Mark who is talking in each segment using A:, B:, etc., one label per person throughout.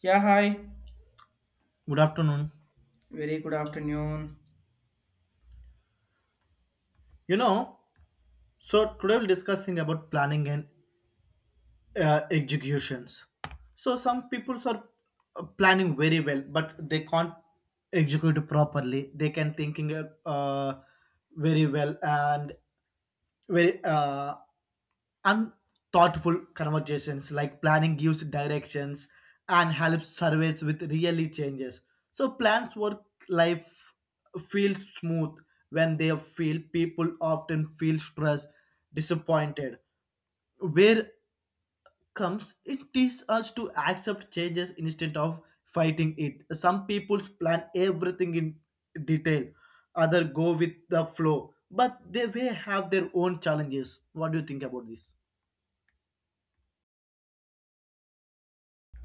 A: Yeah, hi.
B: Good afternoon.
A: Very good afternoon.
B: You know, so today we'll discussing about planning and executions. So some people are planning very well, but they can't execute properly. They can thinking very well, and very unthoughtful conversations like planning gives directions and helps surveys with really changes, so plans work, life feels smooth. When they feel, people often feel stressed, disappointed where comes, it teaches us to accept changes instead of fighting it. Some people plan everything in detail, others go with the flow, but they will have their own challenges. What do you think about this?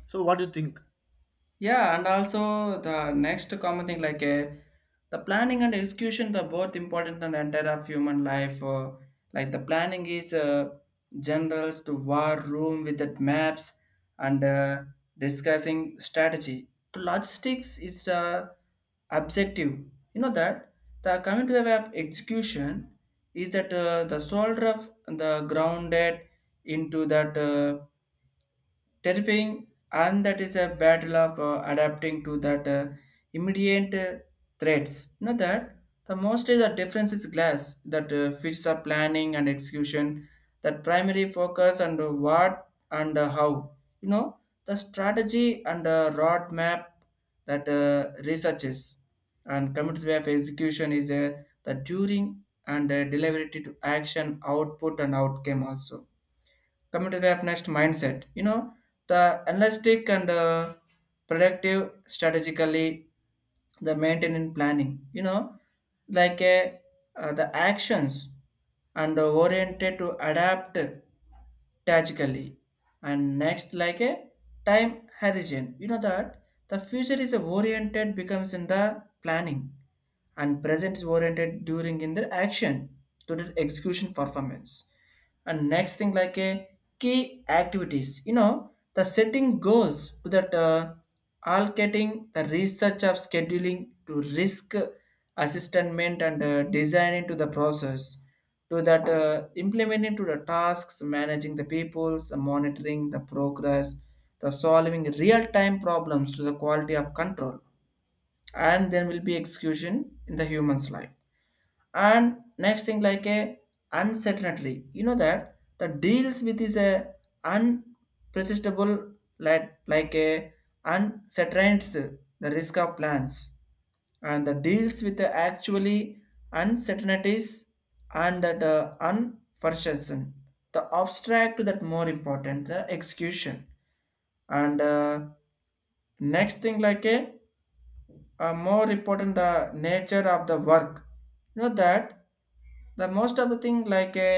B: So, what do you think?
A: Yeah, and also the next common thing like the planning and execution the both important and entire of human life. Like the planning is generals to war room with the maps and discussing strategy. To logistics is the objective. You know that the coming to the way of execution is that the soldier of the grounded into that. Terrifying, and that is a battle of adapting to that immediate threats. Not that the most is the difference is glass that fits the planning and execution, that primary focus and what and how. You know the strategy and roadmap that researches and committees way of execution is the during and delivery to action output and outcome also coming to the way of next mindset, you know the analytic and productive strategically the maintaining planning, you know like a, the actions and oriented to adapt tactically, and next like a time horizon, you know that the future is oriented becomes in the planning and present is oriented during in their action to their execution performance, and next thing like a key activities, you know the setting goals to that allocating the research of scheduling to risk assessment and designing to the process to that implementing to the tasks managing the peoples monitoring the progress the solving real-time problems to the quality of control, and there will be execution in the human's life, and next thing like a uncertainty, you know that the deals with is a unprecedented, like a uncertainties the risk of plans and the deals with the actually uncertainties and the unforeseen the abstract that more important the execution, and next thing like a more important the nature of the work, you know that the most of the thing like a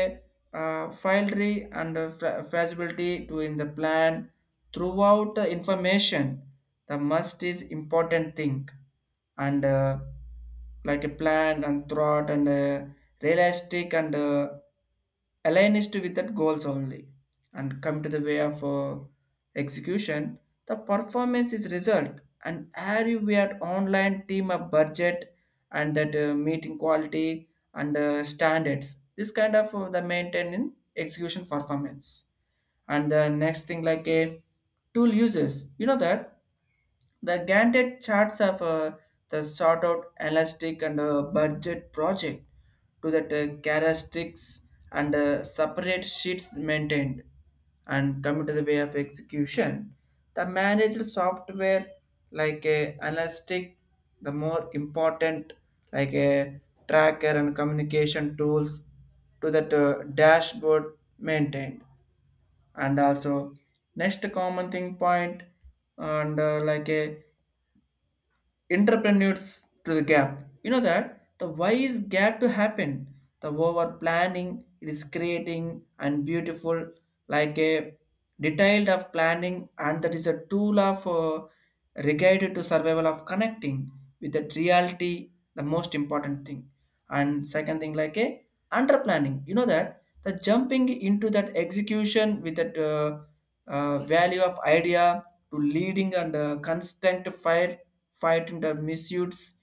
A: file tree and a feasibility to in the plan throughout the information the must is important thing, and like a plan and thought and realistic and aligned to with that goals only, and come to the way of execution. The performance is result and are you we at online team of budget and that meeting quality and standards. This kind of the maintaining execution performance. And the next thing like a tool uses. You know that the Gantt charts of the sort out elastic and budget project to that characteristics and separate sheets maintained, and come to the way of execution. The managed software like a elastic, the more important like a tracker and communication tools to that dashboard maintained, and also next common thing point and like a entrepreneurs to the gap. You know that the why is gap to happen. The over planning it is creating and beautiful like a detailed of planning, and that is a tool of regarded to survival of connecting with the reality, the most important thing, and second thing like a under planning, you know that the jumping into that execution with that value of idea to leading and constant fire fighting the misuse,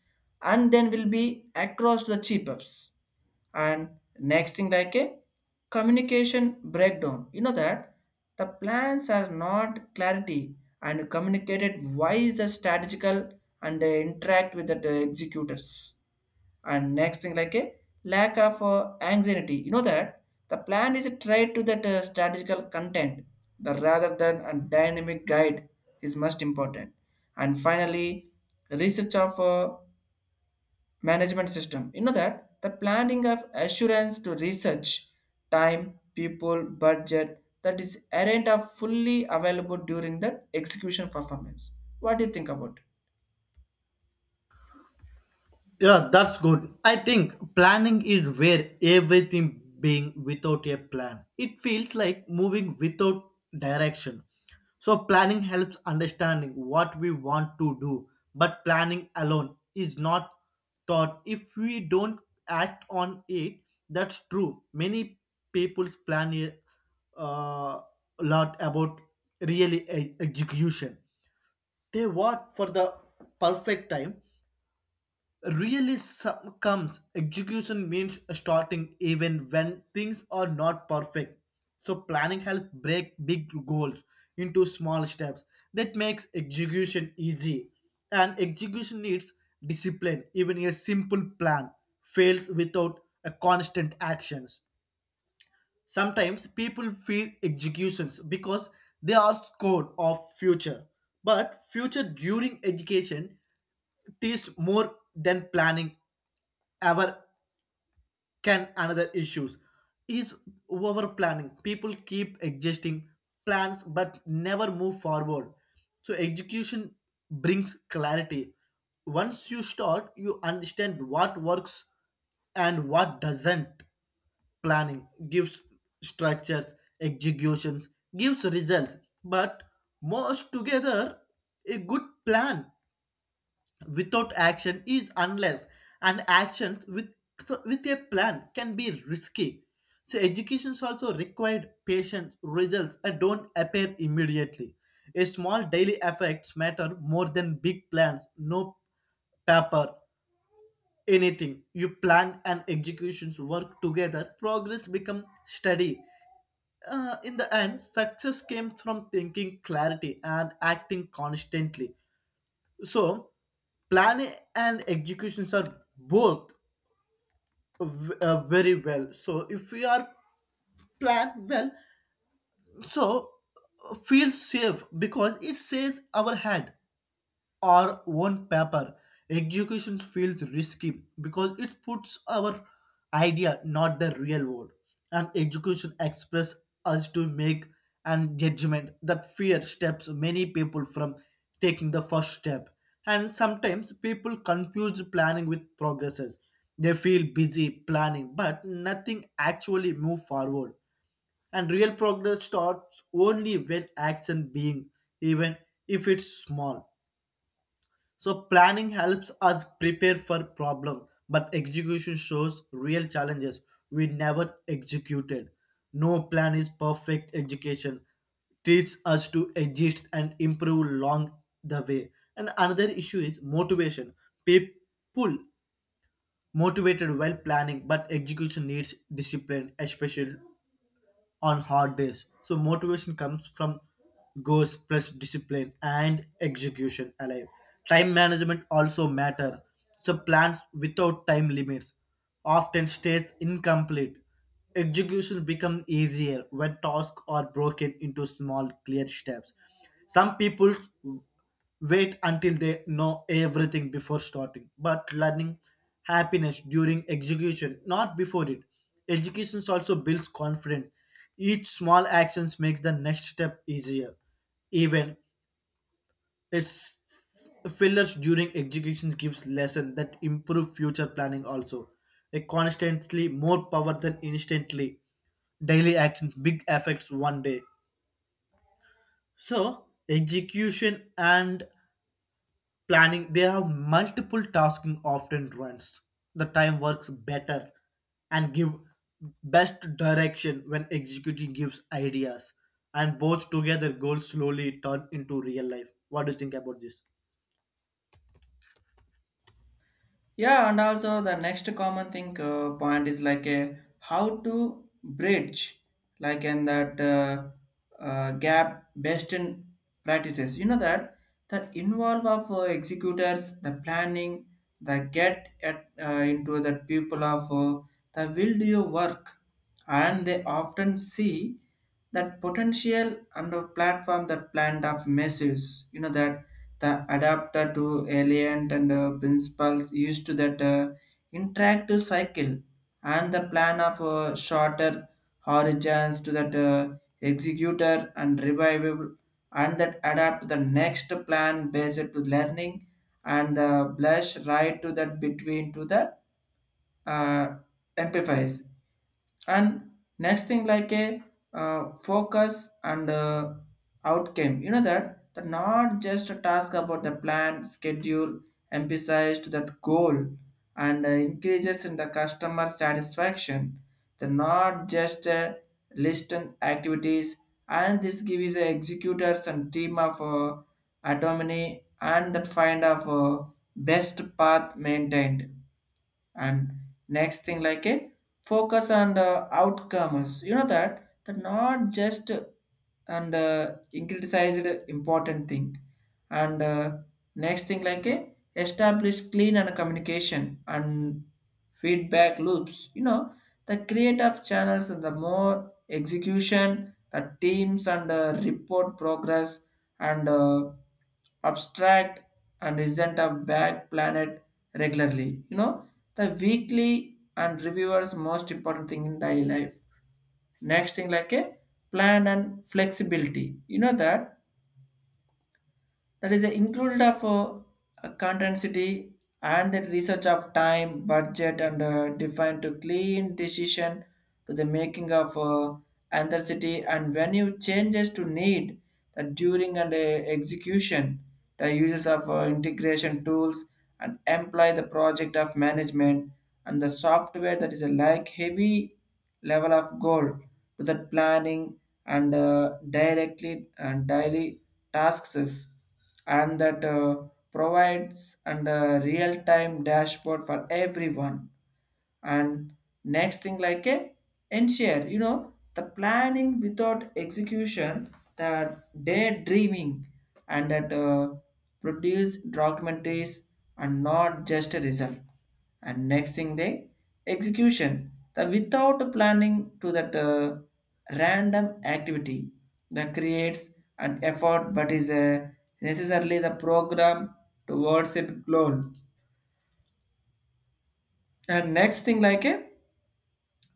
A: and then will be across the cheapups, and next thing like a communication breakdown, you know that the plans are not clarity and communicated why is the strategical and interact with the executors, and next thing like a lack of anxiety, you know that the plan is tied to that strategical content the rather than a dynamic guide is most important, and finally research of management system, you know that the planning of assurance to research time people budget that is aren't are fully available during the execution performance. What do you think about?
B: Yeah, that's good. I think planning is where everything being without a plan. It feels like moving without direction. So planning helps understanding what we want to do, but planning alone is not thought if we don't act on it. That's true. Many people's plan a lot about really execution. They want for the perfect time realism comes execution means starting even when things are not perfect, so planning helps break big goals into small steps that makes execution easy, and execution needs discipline. Even a simple plan fails without a constant actions. Sometimes people fear executions because they are scared of future, but future during education teaches more than planning ever can. Another issues is over planning. People keep existing plans but never move forward, so execution brings clarity. Once you start, you understand what works and what doesn't. Planning gives structures, executions gives results, but merged together a good plan without action is unless, and actions with a plan can be risky. So educations also required patience, results and don't appear immediately. A small daily effects matter more than big plans, no paper. Anything you plan and executions work together, progress become steady. In the end, success came from thinking clarity and acting constantly. So planning and executions are both very well. So if we are planned well, so feel safe because it saves our hand or on paper. Execution feels risky because it puts our idea, not the real world. And execution express us to make and judgment that fear steps many people from taking the first step. And sometimes people confuse planning with progresses. They feel busy planning, but nothing actually move forward. And real progress starts only when action being, even if it's small. So planning helps us prepare for problems, but execution shows real challenges we never executed. No plan is perfect. Education teaches us to adjust and improve along the way. And another issue is motivation. People motivated while planning, but execution needs discipline, especially on hard days. So motivation comes from goals plus discipline and execution alive. Time management also matter. So plans without time limits often stays incomplete. Execution become easier when tasks are broken into small clear steps. Some people wait until they know everything before starting, but learning happiness during execution, not before it. Education also builds confidence, each small actions makes the next step easier, even its fillers during execution gives lesson that improve future planning also. A constantly more power than instantly, daily actions big effects one day. So execution and planning, they have multiple tasking often runs the time works better and give best direction when executing gives ideas, and both together goals slowly turn into real life. What do you think about this?
A: Yeah, and also the next common thing point is like a how to bridge like in that gap best in practices. You know that that involve of executors, the planning, the get at, into the people of the will do your work, and they often see that potential and a platform that planned of messes. You know that the adapter to alien and principles used to that interactive cycle and the plan of shorter horizons to that executor and revival, and that adapt to the next plan based to learning and the blush right to that between to the uh, amplifies, and next thing like a focus and outcome, you know that that not just a task about the plan schedule emphasized that goal and increases in the customer satisfaction the not just list and activities, and this gives the executors and team of autonomy and that find of best path maintained, and next thing like a focus on the outcomes, you know that the not just and criticized important thing, and next thing like a establish clean and communication and feedback loops, you know the creative channels and the more execution the teams and report progress and abstract and isn't a bad planet regularly. You know, the weekly and reviewers most important thing in daily life. Next thing like a plan and flexibility. You know that that is included of a contingency and the research of time budget and defined to clean decision to the making of city and when you changes to need that during and execution the uses of integration tools and employ the project of management and the software that is a like heavy level of goal to the planning and directly and daily tasks, and that provides and a real-time dashboard for everyone, and next thing like a ensure, you know the planning without execution the daydreaming and that produce documentaries and not just a result, and next thing they execution the without planning to that random activity that creates an effort but is necessarily the program towards it goal, and next thing like a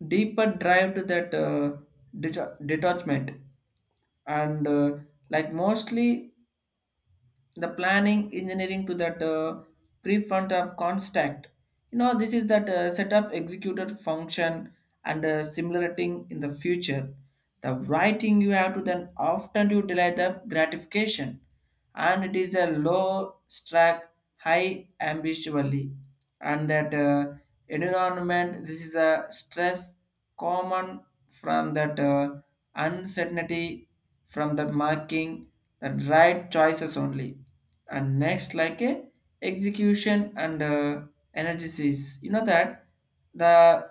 A: deeper drive to that detachment and like mostly the planning engineering to that prefront of contact, you know this is that set of executed function and simulating in the future the writing you have to then often you delay the gratification, and it is a low strike high ambitiously and that environment this is a stress common from that uncertainty from the marking the right choices only, and next like a execution and analysis, you know that the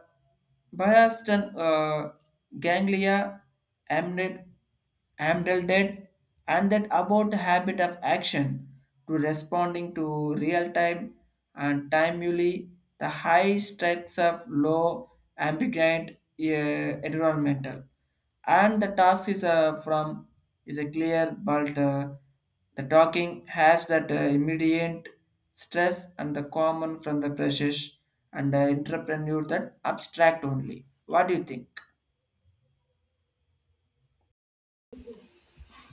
A: biased and ganglia amnid, amyloid, and that about the habit of action to responding to real time and timely the high strikes of low ambiguous environmental and the task is from is a clear but the talking has that immediate stress and the common from the precious and the entrepreneur that abstract only. What do you think?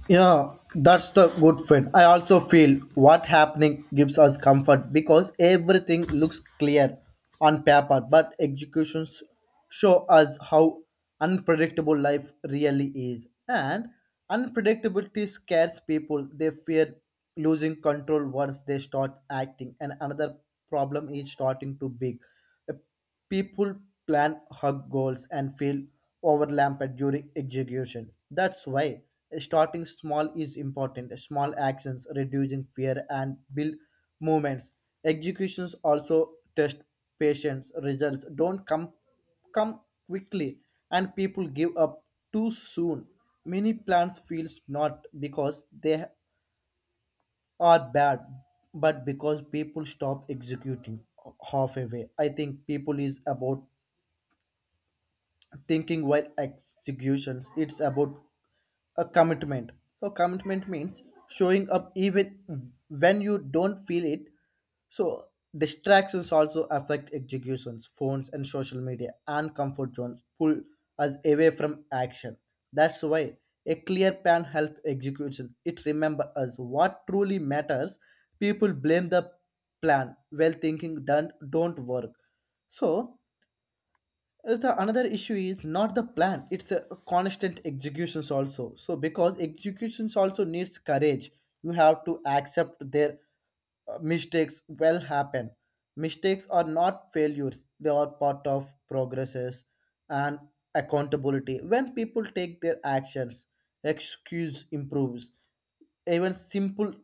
B: Yeah, that's the good friend. I also feel what happening gives us comfort because everything looks clear on paper, but executions show us how unpredictable life really is. And unpredictability scares people. They fear losing control once they start acting. And another problem is starting too big. People plan hug goals and feel overwhelmed during execution. That's why starting small is important. Small actions reducing fear and build movements. Executions also test patience. Results don't come quickly, and people give up too soon. Many plans fails not because they are bad, but because people stop executing half away. I think people is about thinking while executions, it's about a commitment. So commitment means showing up even when you don't feel it. So distractions also affect executions. Phones and social media and comfort zones pull us away from action. That's why a clear plan helps execution, it remember us what truly matters. People blame the plan while thinking don't work. So the another issue is not the plan; it's a constant executions also. So because executions also needs courage, you have to accept their mistakes will happen. Mistakes are not failures; they are part of progresses and accountability. When people take their actions, excuse improves. Even simple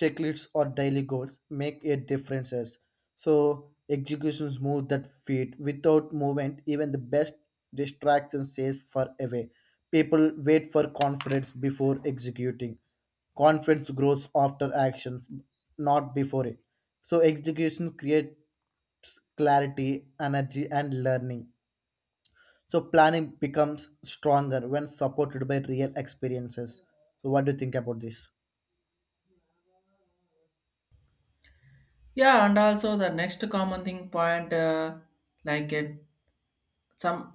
B: checklists or daily goals make a differences. So executions move that feet without movement, even the best distraction stays far away. People wait for confidence before executing, confidence grows after actions, not before it. So execution creates clarity, energy, and learning. So planning becomes stronger when supported by real experiences. So what do you think about this?
A: Yeah, and also the next common thing point, like it, some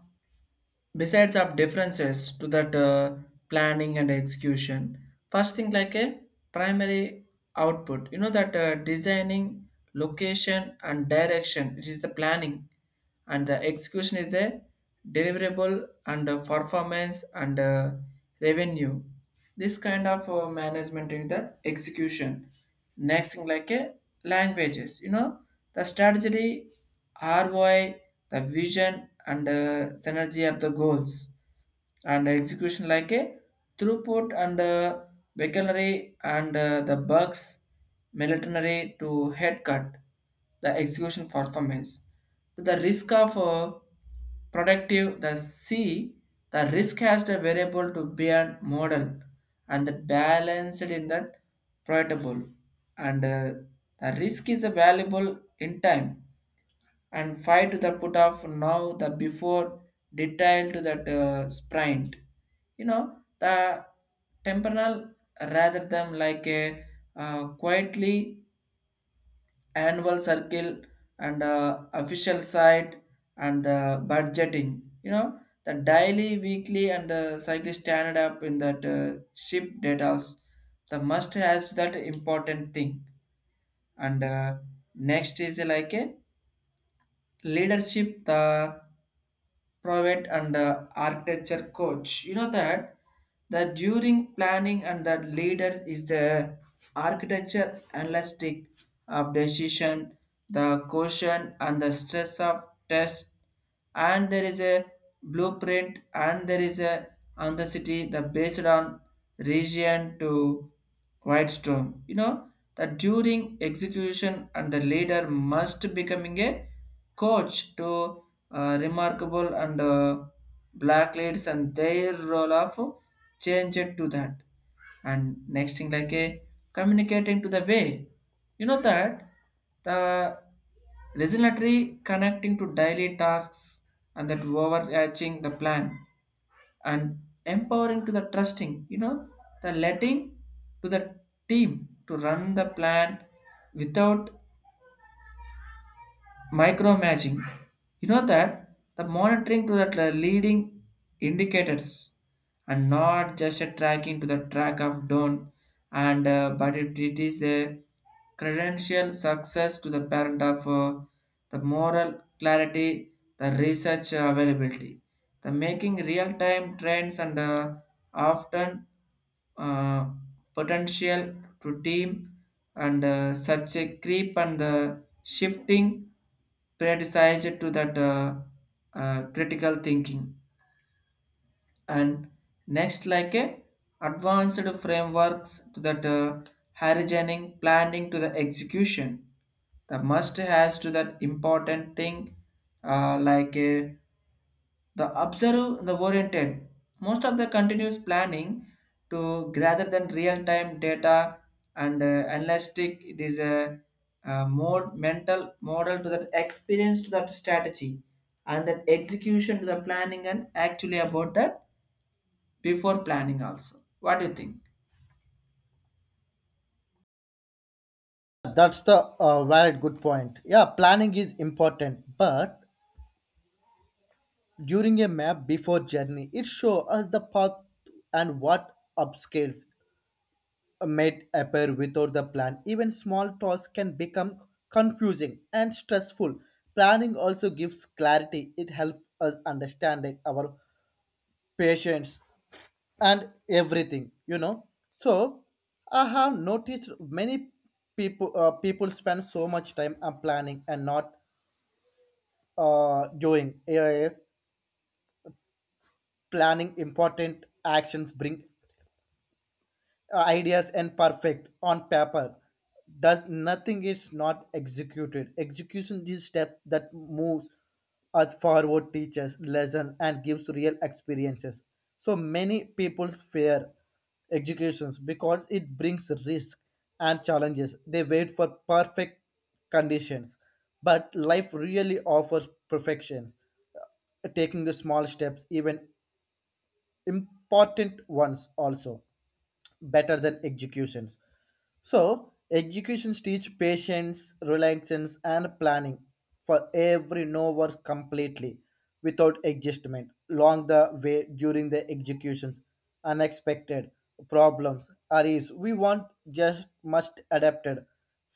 A: besides of differences to that planning and execution. First thing like a primary output. You know that designing, location and direction, which is the planning, and the execution is the deliverable and performance and revenue, this kind of management is the execution. Next thing like a languages, you know the strategy, ROI, the vision and synergy of the goals and execution like a throughput and veterinary and the bugs military to headcut the execution performance to the risk of productive the c the risk has the variable to be a model and the balanced in that profitable and the risk is valuable in time and five to the put off now the before detail to that sprint, you know the temporal rather than like a quietly annual circle and official site and the budgeting, you know the daily weekly and cycle standard up in that ship details. The must has that important thing, and next is like a leadership, the private and architecture coach, you know, that that during planning, and that leader is the architecture analytic of decision, the caution and the stress of test. And there is a blueprint and there is a anxiety the based on region to white storm, you know, that during execution, and the leader must becoming a coach to remarkable and black leads and their role of change it to that. And next thing like a communicating to the way, you know, that the regulatory connecting to daily tasks and that overarching the plan, and empowering to the trusting, you know, the letting to the team to run the plan without micromatching, you know, that the monitoring to the leading indicators and not just a tracking to the track of down, and but it is the credential success to the parent of the moral clarity, the research availability, the making real-time trends and often, uh, potential to team, and such a creep and the shifting predecessor to that critical thinking. And next like a advanced frameworks to that horizoning planning to the execution, the must has to that important thing, like a the observer, the oriented, most of the continuous planning to rather than real-time data and analytic. It is a more mental model to that experience to that strategy and that execution to the planning, and actually about that before planning also. What do you think?
B: That's the valid good point. Yeah, planning is important, but during a map before journey, it show us the path and what upscales may appear without the plan. Even small tasks can become confusing and stressful. Planning also gives clarity. It helps us understanding our patients and everything. so I have noticed many people spend so much time on planning and not doing. Planning important actions bring ideas and perfect on paper does nothing, it's not executed. Execution is step that moves us forward, teaches lesson, and gives real experiences. So many people fear executions because it brings risk and challenges. They wait for perfect conditions, but life really offers perfection. Taking the small steps, even important ones also better than executions. So, executions teach patience, relaxation, and planning for every no work completely without adjustment along the way during the executions. Unexpected problems arise. We want just must adapted.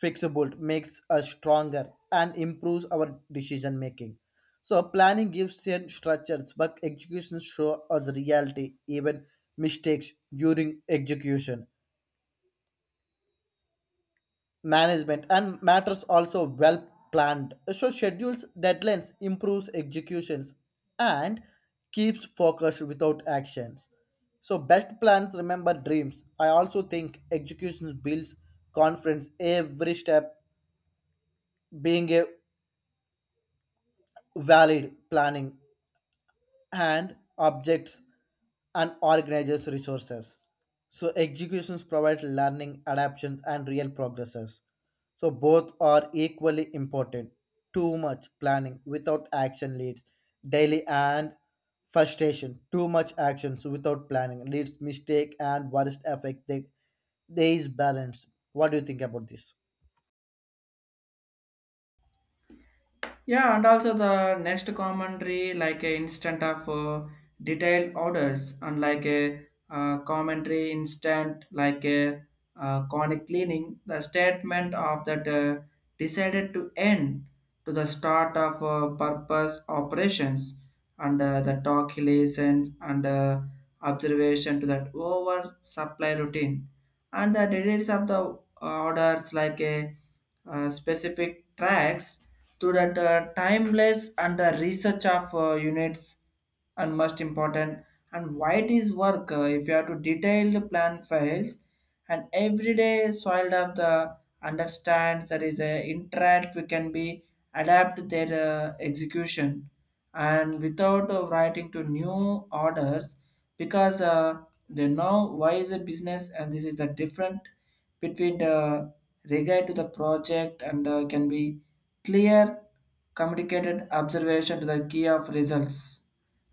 B: Fixable makes us stronger and improves our decision making. So planning gives and structures, but executions show us reality. Even mistakes during execution management and matters also. Well planned so schedules, deadlines improves executions and keeps focus without actions. So best plans remember dreams. I also think execution builds confidence every step, being a valid planning and objects, and organizes resources. So executions provide learning, adaptations, and real progresses. So both are equally important. Too much planning without action leads daily and frustration. Too much actions without planning leads mistake and worst effect. They, there is balance. What do you think about this?
A: Yeah, and also the next commentary like a instant of detailed orders, unlike a commentary instant like a conic cleaning, the statement of that decided to end to the start of purpose operations and the talk relations and observation to that over supply routine, and the details of the orders like a specific tracks to that timeless and the research of units, and most important. And why it is work, if you have to detail the plan files and everyday soil of the understand, there is a interact we can be adapt their execution and without writing to new orders, because they know why is a business, and this is the different between the regard to the project and can be clear communicated observation to the key of results.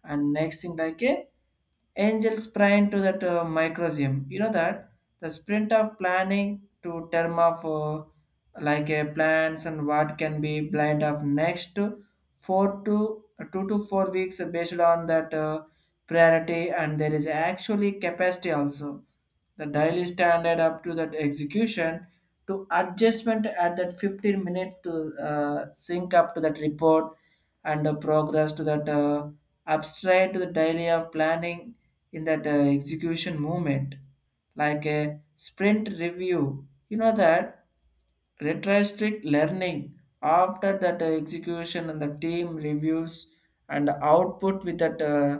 A: And next thing like a angel sprint to that microseum, you know, that the sprint of planning to term of like a plans and what can be blind of next four to two to four weeks based on that priority, and there is actually capacity also, the daily standard up to that execution to adjustment at that 15 minutes to sync up to that report and progress to that abstract to the daily of planning in that execution movement, like a sprint review, you know, that retrospect learning after that execution, and the team reviews and output with that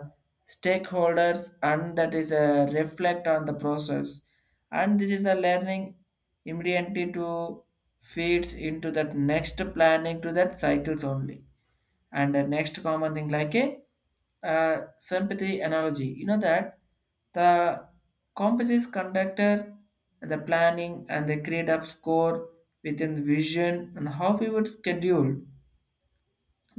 A: stakeholders, and that is a reflect on the process, and this is the learning immediately to feeds into that next planning to that cycles only. And the next common thing like a sympathy analogy, you know, that the composite conductor and the planning and the create of score within the vision, and how we would schedule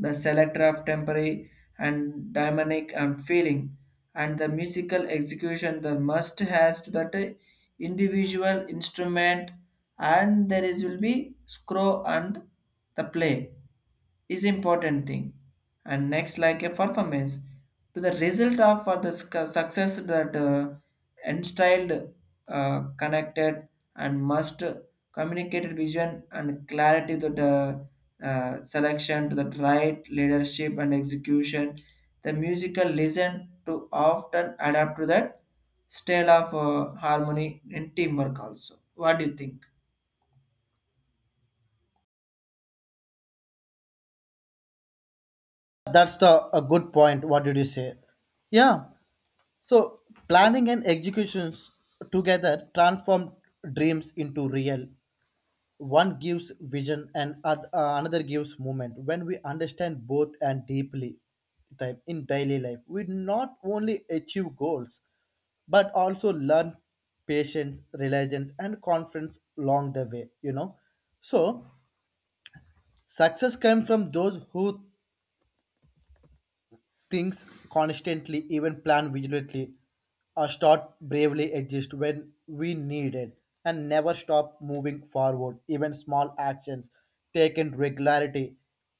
A: the selector of temporary and dynamic and feeling, and the musical execution the must has to that individual instrument and there is will be scroll and the play is important thing and next like a performance to the result of for the sc- success that instilled connected and must communicated vision and clarity that selection to the right leadership and execution. The musical listen to often adapt to that style of harmony in teamwork also. What do you think?
B: That's the a good point. What did you say? Yeah. So, planning and executions together transform dreams into real. One gives vision and another gives movement. When we understand both and deeply type in daily life, we not only achieve goals but also learn patience, reliance, and confidence along the way. so Success comes from those who things constantly, even plan vigilantly, or start bravely exist when we need it, and never stop moving forward. Even small actions taken regularity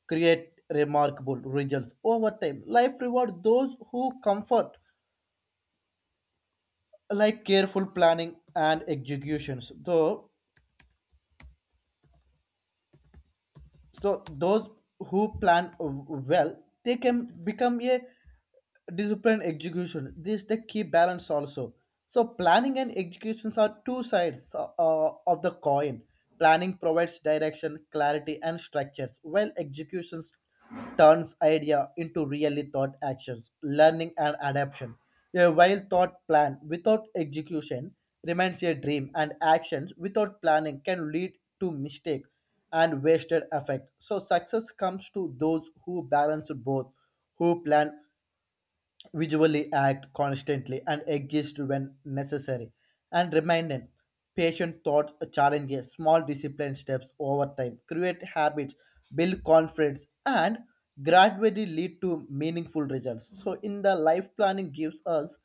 B: create remarkable results over time. Life rewards those who comfort, like careful planning and executions. Though so those who plan well, they can become a disciplined execution. This is the key balance also. So planning and executions are two sides of the coin. Planning provides direction, clarity, and structures, while executions turns idea into really thought actions, learning and adaptation. A well thought plan without execution remains a dream, and actions without planning can lead to mistake and wasted effect. So success comes to those who balance both, who plan, visually act constantly, and exist when necessary, and remind patient thoughts, challenges, small discipline steps over time, create habits, build confidence, and gradually lead to meaningful results. So in the life, planning gives us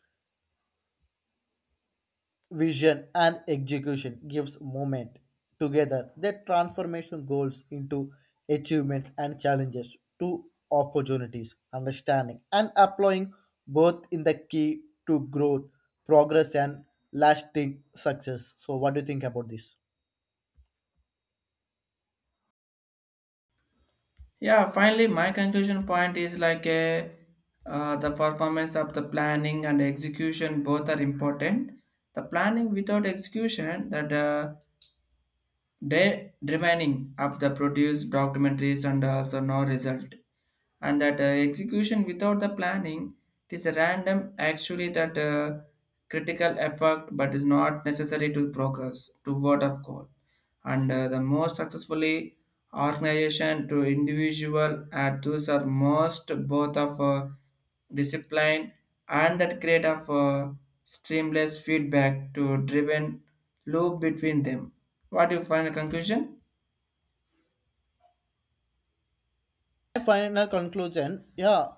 B: vision and execution gives movement, together that transformation goals into achievements and challenges to opportunities. Understanding and applying both in the key to growth, progress, and lasting success. So what do you think about this?
A: Yeah, finally, my conclusion point is like a, the performance of the planning and execution both are important. The planning without execution, that day remaining of the produced documentaries and also no result. And that execution without the planning it is a random actually that critical effect, but is not necessary to progress toward of goal and the more successfully organization to individual at those are most both of discipline and that create of streamless feedback to driven loop between them what do you find a conclusion
B: My final conclusion, yeah,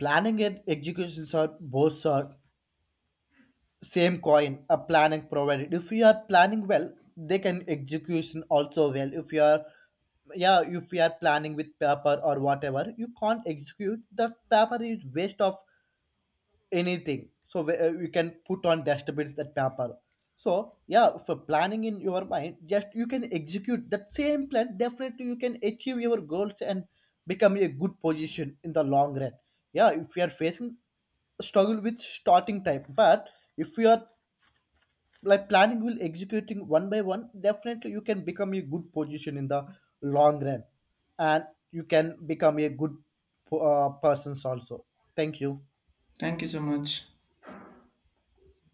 B: planning and executions are both are same coin. A planning provided, if you are planning well, they can execution also well. If you are, yeah, if you are planning with paper or whatever, you can't execute. The paper is waste of anything. So you can put on dustbins that paper. So yeah, for planning in your mind, just you can execute that same plan, definitely you can achieve your goals and become a good position in the long run. Yeah, if you are facing struggle with starting time, but if you are like planning will executing one by one, definitely you can become a good position in the long run. And you can become a good persons also. Thank you.
A: thank you so much